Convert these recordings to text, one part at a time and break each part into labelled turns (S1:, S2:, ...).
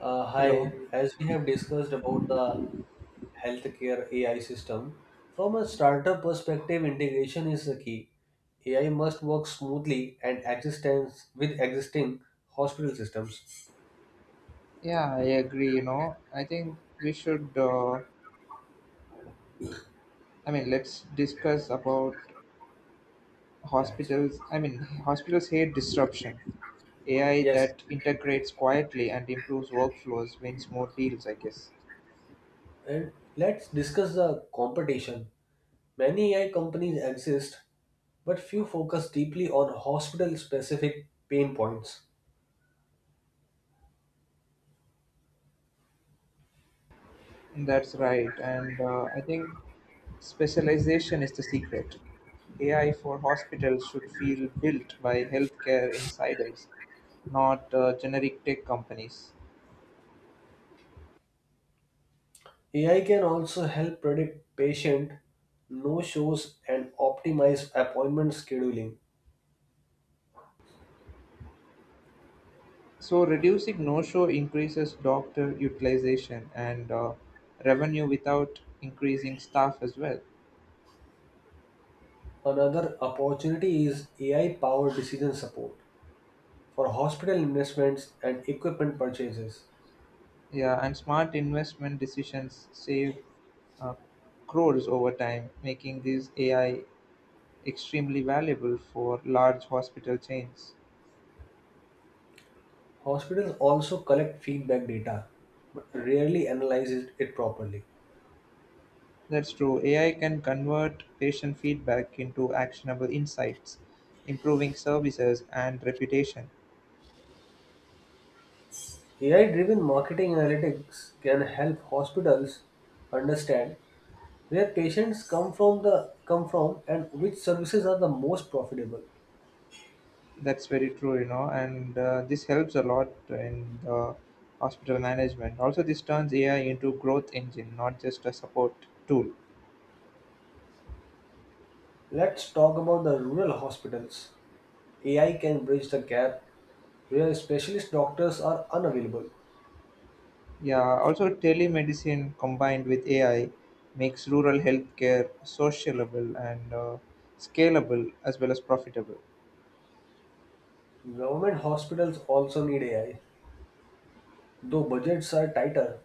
S1: Uh,
S2: Hello.
S1: hi, as we have discussed about the healthcare AI system, from a startup perspective, integration is the key. AI must work smoothly and existence with existing hospital systems.
S2: Yeah, I agree. You know, I think we should. Let's discuss about
S1: That's
S2: hospitals. I mean, hospitals hate disruption. AI
S1: yes.
S2: that integrates quietly and improves workflows wins more deals, I guess.
S1: And let's discuss the competition. Many AI companies exist, but few focus deeply on hospital specific pain points.
S2: That's right. And I think specialization is the secret. AI for hospitals should feel built by healthcare insiders, not generic tech companies.
S1: AI can also help predict patient no shows and optimize appointment scheduling.
S2: So reducing no-show increases doctor utilization and revenue without increasing staff as well.
S1: Another opportunity is AI powered decision support for hospital investments and equipment purchases.
S2: Yeah, and smart investment decisions save uh, crores over time, making these AI extremely valuable for large hospital chains.
S1: Hospitals also collect feedback data but rarely analyze it properly.
S2: That's true. AI can convert patient feedback into actionable insights, improving services and reputation.
S1: AI driven marketing analytics can help hospitals understand where patients come from and which services are the most profitable.
S2: That's very true, you know, and this helps a lot in the hospital management. Also, this turns AI into growth engine, not just a support tool.
S1: Let's talk about the rural hospitals. AI can bridge the gap where specialist doctors are unavailable.
S2: Yeah, also telemedicine combined with AI makes rural healthcare sociable and scalable as well as profitable.
S1: Government hospitals also need AI. Though budgets are tighter,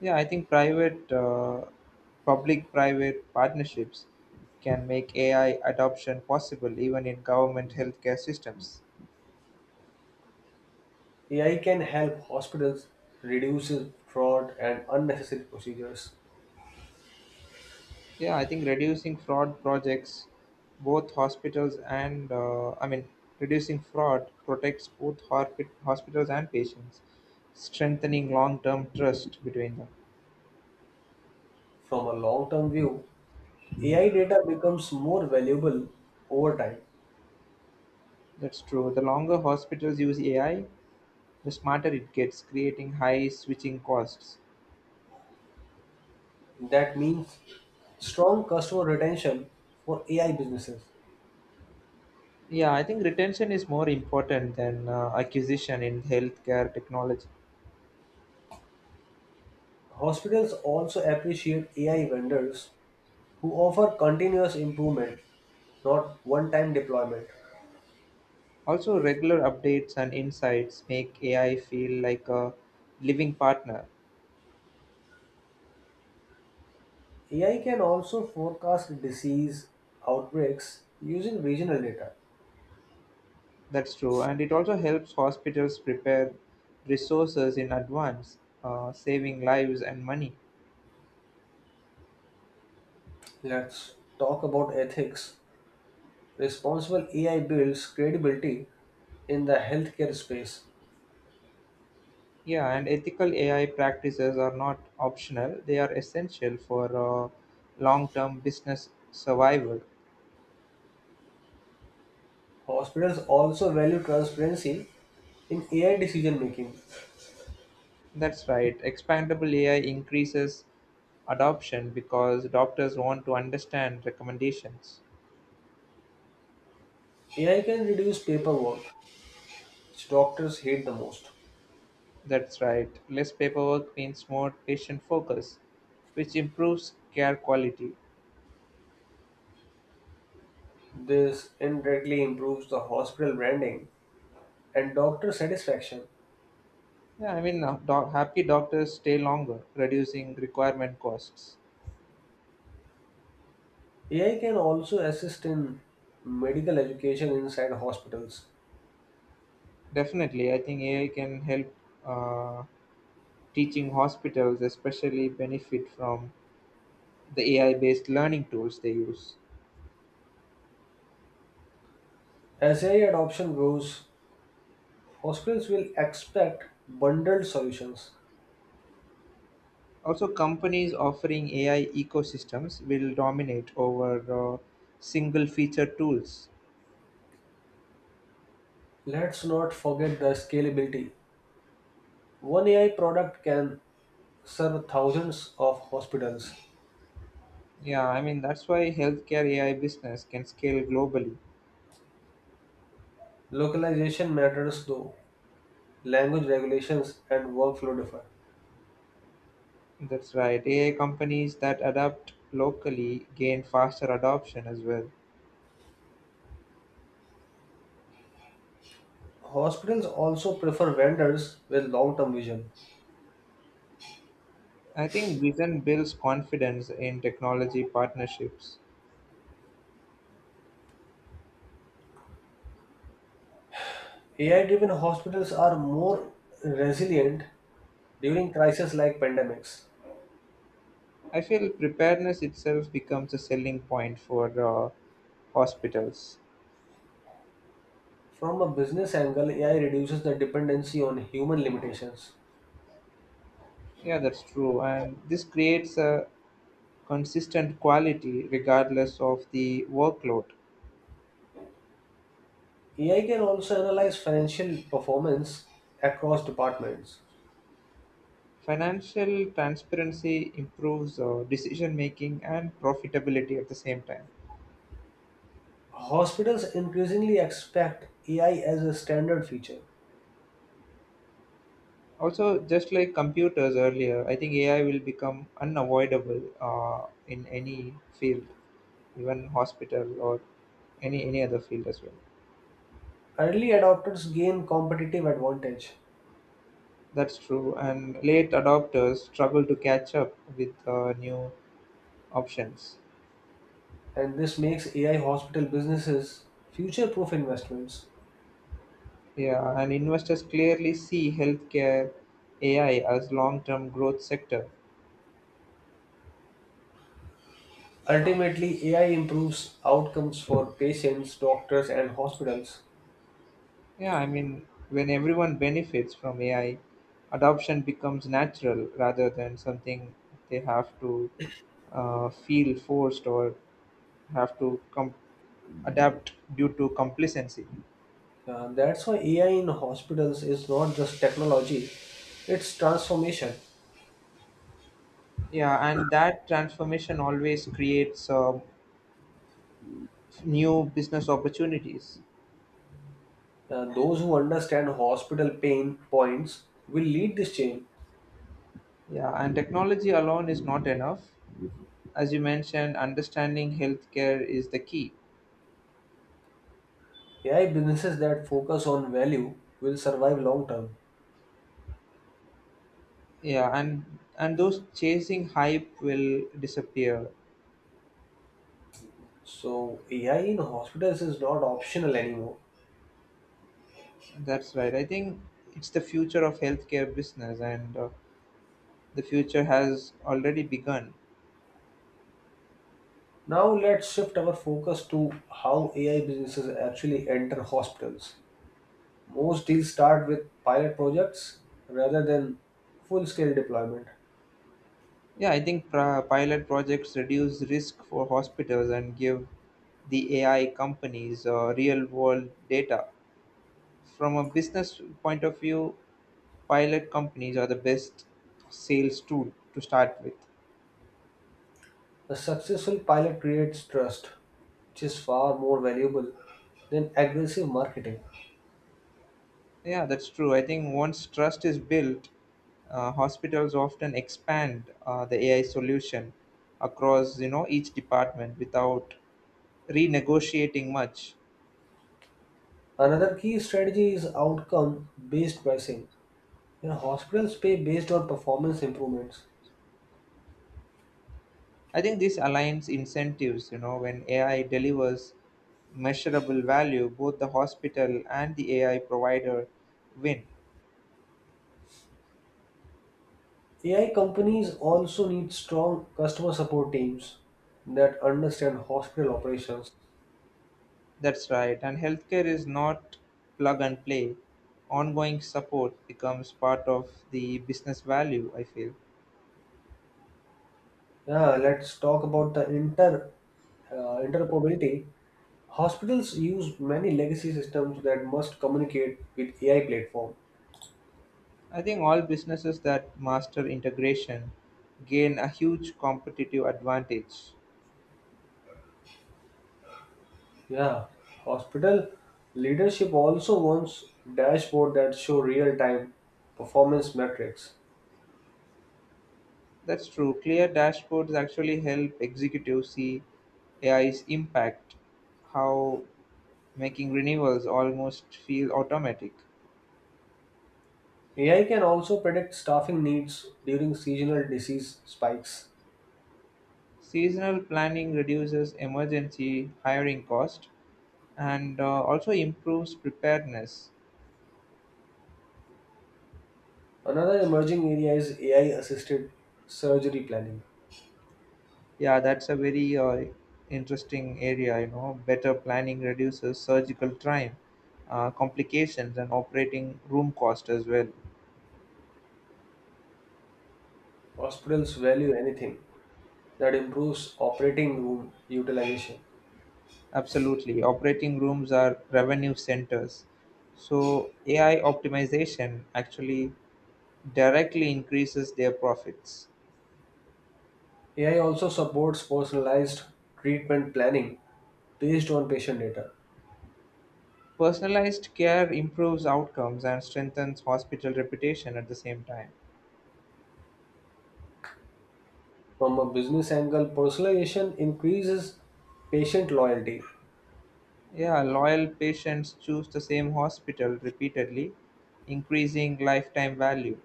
S2: Yeah, I think public-private partnerships can make AI adoption possible even in government healthcare systems.
S1: AI can help hospitals reduce fraud and unnecessary procedures.
S2: Yeah, I think reducing fraud projects, both hospitals and I mean, Reducing fraud protects both hospitals and patients, strengthening long term trust between them.
S1: From a long term view, AI data becomes more valuable over time.
S2: That's true. The longer hospitals use AI, the smarter it gets, creating high switching costs.
S1: That means strong customer retention for AI businesses.
S2: Yeah, I think retention is more important than acquisition in healthcare technology.
S1: Hospitals also appreciate AI vendors who offer continuous improvement, not one time deployment.
S2: Also, regular updates and insights make AI feel like a living partner.
S1: AI can also forecast disease outbreaks using regional data.
S2: That's true, and it also helps hospitals prepare resources in advance, saving lives and money.
S1: Let's talk about ethics. Responsible AI builds credibility in the healthcare space.
S2: Yeah, and ethical AI practices are not optional, they are essential for long term business survival.
S1: Hospitals also value transparency in AI decision making.
S2: That's right, expandable AI increases adoption because doctors want to understand recommendations.
S1: AI can reduce paperwork, which doctors hate the most.
S2: That's right, less paperwork means more patient focus, which improves care quality.
S1: This indirectly improves the hospital branding and doctor satisfaction.
S2: Yeah, I mean, happy doctors stay longer, reducing requirement costs.
S1: AI can also assist in medical education inside hospitals.
S2: Definitely, I think AI can help uh, teaching hospitals, especially benefit from the AI-based learning tools they use.
S1: As AI adoption grows, hospitals will expect bundled solutions.
S2: Also, companies offering AI ecosystems will dominate over uh, single-feature tools.
S1: Let's not forget the scalability. One AI product can serve thousands of hospitals.
S2: Yeah, I mean, that's why healthcare AI business can scale globally.
S1: Localization matters though, language regulations and workflow differ.
S2: That's right. AI companies that adapt locally gain faster adoption as well.
S1: Hospitals also prefer vendors with long term vision.
S2: I think vision builds confidence in technology partnerships.
S1: AI driven hospitals are more resilient during crises like pandemics.
S2: I feel preparedness itself becomes a selling point for hospitals.
S1: From a business angle, AI reduces the dependency on human limitations.
S2: Yeah, that's true. And this creates a consistent quality regardless of the workload.
S1: AI can also analyze financial performance across departments.
S2: Financial transparency improves decision making and profitability at the same time.
S1: Hospitals increasingly expect AI as a standard feature.
S2: Also, just like computers earlier, I think AI will become unavoidable in any field, even hospital or any other field as well.
S1: Early adopters gain competitive advantage,
S2: That's true, and late adopters struggle to catch up with new options.
S1: and this makes AI hospital businesses future proof investments.
S2: Yeah, and investors clearly see healthcare AI as long-term growth sector.
S1: Ultimately, AI improves outcomes for patients, doctors, and hospitals.
S2: Yeah, I mean when everyone benefits from AI, adoption becomes natural rather than something they have to feel forced or have to com- adapt due to complacency.
S1: That's why AI in hospitals is not just technology, it's transformation.
S2: Yeah, and that transformation always creates new business opportunities.
S1: Those who understand hospital pain points will lead this change.
S2: Yeah, and technology alone is not enough. As you mentioned, understanding healthcare is the key.
S1: AI businesses that focus on value will survive long term.
S2: Yeah, and those chasing hype will disappear.
S1: So, AI in hospitals is not optional anymore.
S2: That's right. I think it's the future of healthcare business, and the future has already begun.
S1: Now, let's shift our focus to how AI businesses actually enter hospitals. Most deals start with pilot projects rather than full scale deployment.
S2: Yeah, I think pilot projects reduce risk for hospitals and give the AI companies real world data. From a business point of view, pilot companies are the best sales tool to start with.
S1: A successful pilot creates trust, which is far more valuable than aggressive marketing.
S2: Yeah, that's true. I think once trust is built, hospitals often expand the AI solution across you know each department without renegotiating much.
S1: Another key strategy is outcome based pricing. You hospitals pay based on performance improvements.
S2: I think this aligns incentives. You know, when AI delivers measurable value, both the hospital and the AI provider win.
S1: AI companies also need strong customer support teams that understand hospital operations.
S2: That's right, and healthcare is not plug and play. Ongoing support becomes part of the business value, I feel.
S1: Yeah, let's talk about the interoperability. Hospitals use many legacy systems that must communicate with AI platform.
S2: I think all businesses that master integration gain a huge competitive advantage.
S1: Yeah, hospital leadership also wants dashboard that show real-time performance metrics.
S2: That's true. Clear dashboards actually help executives see AI's impact, how making renewals almost feel automatic.
S1: AI can also predict staffing needs during seasonal disease spikes.
S2: Seasonal planning reduces emergency hiring cost, and also improves preparedness.
S1: Another emerging area is AI-assisted surgery planning.
S2: Yeah, that's a very interesting area, you know, better planning reduces surgical time, complications and operating room cost as well.
S1: Hospitals value anything that improves operating room utilization.
S2: Absolutely, operating rooms are revenue centers, so AI optimization actually directly increases their profits.
S1: AI also supports personalized treatment planning based on patient data.
S2: Personalized care improves outcomes and strengthens hospital reputation at the same time.
S1: From a business angle, personalization increases patient loyalty,
S2: Yeah, loyal patients choose the same hospital repeatedly, increasing lifetime value.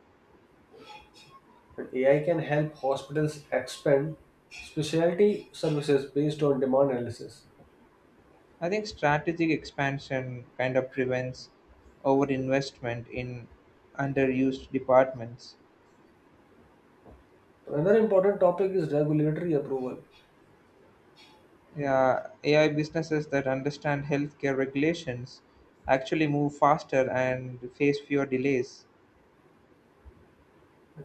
S1: and AI can help hospitals expand specialty services based on demand analysis.
S2: I think strategic expansion kind of prevents overinvestment in underused departments.
S1: Another important topic is regulatory approval.
S2: Yeah, AI businesses that understand healthcare regulations actually move faster and face fewer delays.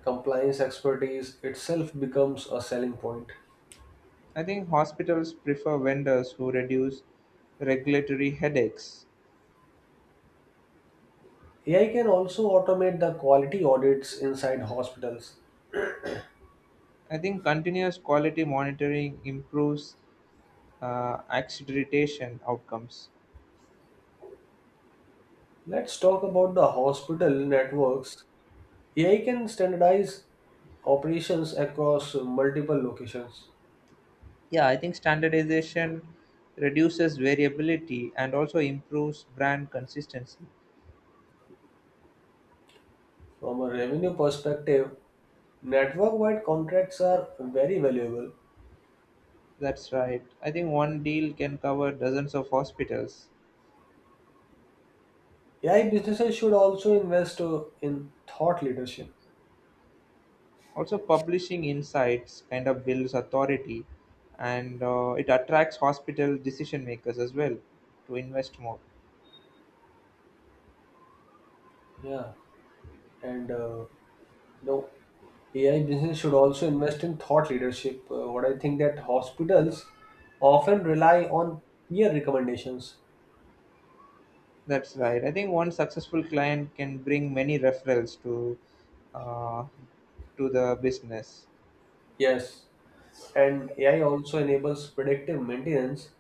S1: Compliance expertise itself becomes a selling point.
S2: I think hospitals prefer vendors who reduce regulatory headaches.
S1: AI can also automate the quality audits inside hospitals.
S2: I think continuous quality monitoring improves accreditation outcomes.
S1: Let's talk about the hospital networks. AI can standardize operations across multiple locations.
S2: Yeah, I think standardization reduces variability and also improves brand consistency.
S1: From a revenue perspective, network wide contracts are very valuable.
S2: That's right. I think one deal can cover dozens of hospitals.
S1: AI businesses should also invest in thought leadership.
S2: Also, publishing insights kind of builds authority and it attracts hospital decision makers as well to invest more.
S1: Yeah, and no, AI business should also invest in thought leadership. What I think that hospitals often rely on peer recommendations.
S2: That's right. I think one successful client can bring many referrals uh, to the business.
S1: Yes, and AI also enables predictive maintenance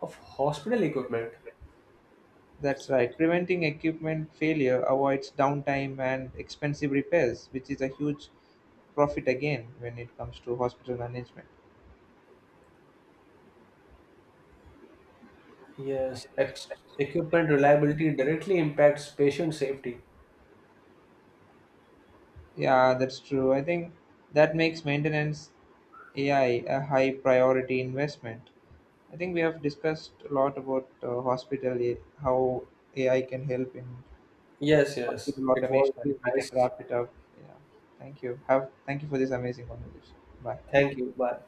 S1: of hospital equipment.
S2: That's right. Preventing equipment failure avoids downtime and expensive repairs, which is a huge profit again when it comes to hospital management.
S1: Yes, equipment reliability directly impacts patient safety.
S2: Yeah, that's true. I think that makes maintenance AI a high priority investment. I think we have discussed a lot about how AI can help in
S1: Yes, yes.
S2: hospital
S1: It was
S2: automation.
S1: really
S2: We can
S1: nice.
S2: wrap it up. Yeah. Thank you for this amazing conversation. Bye.
S1: Thank you. Bye.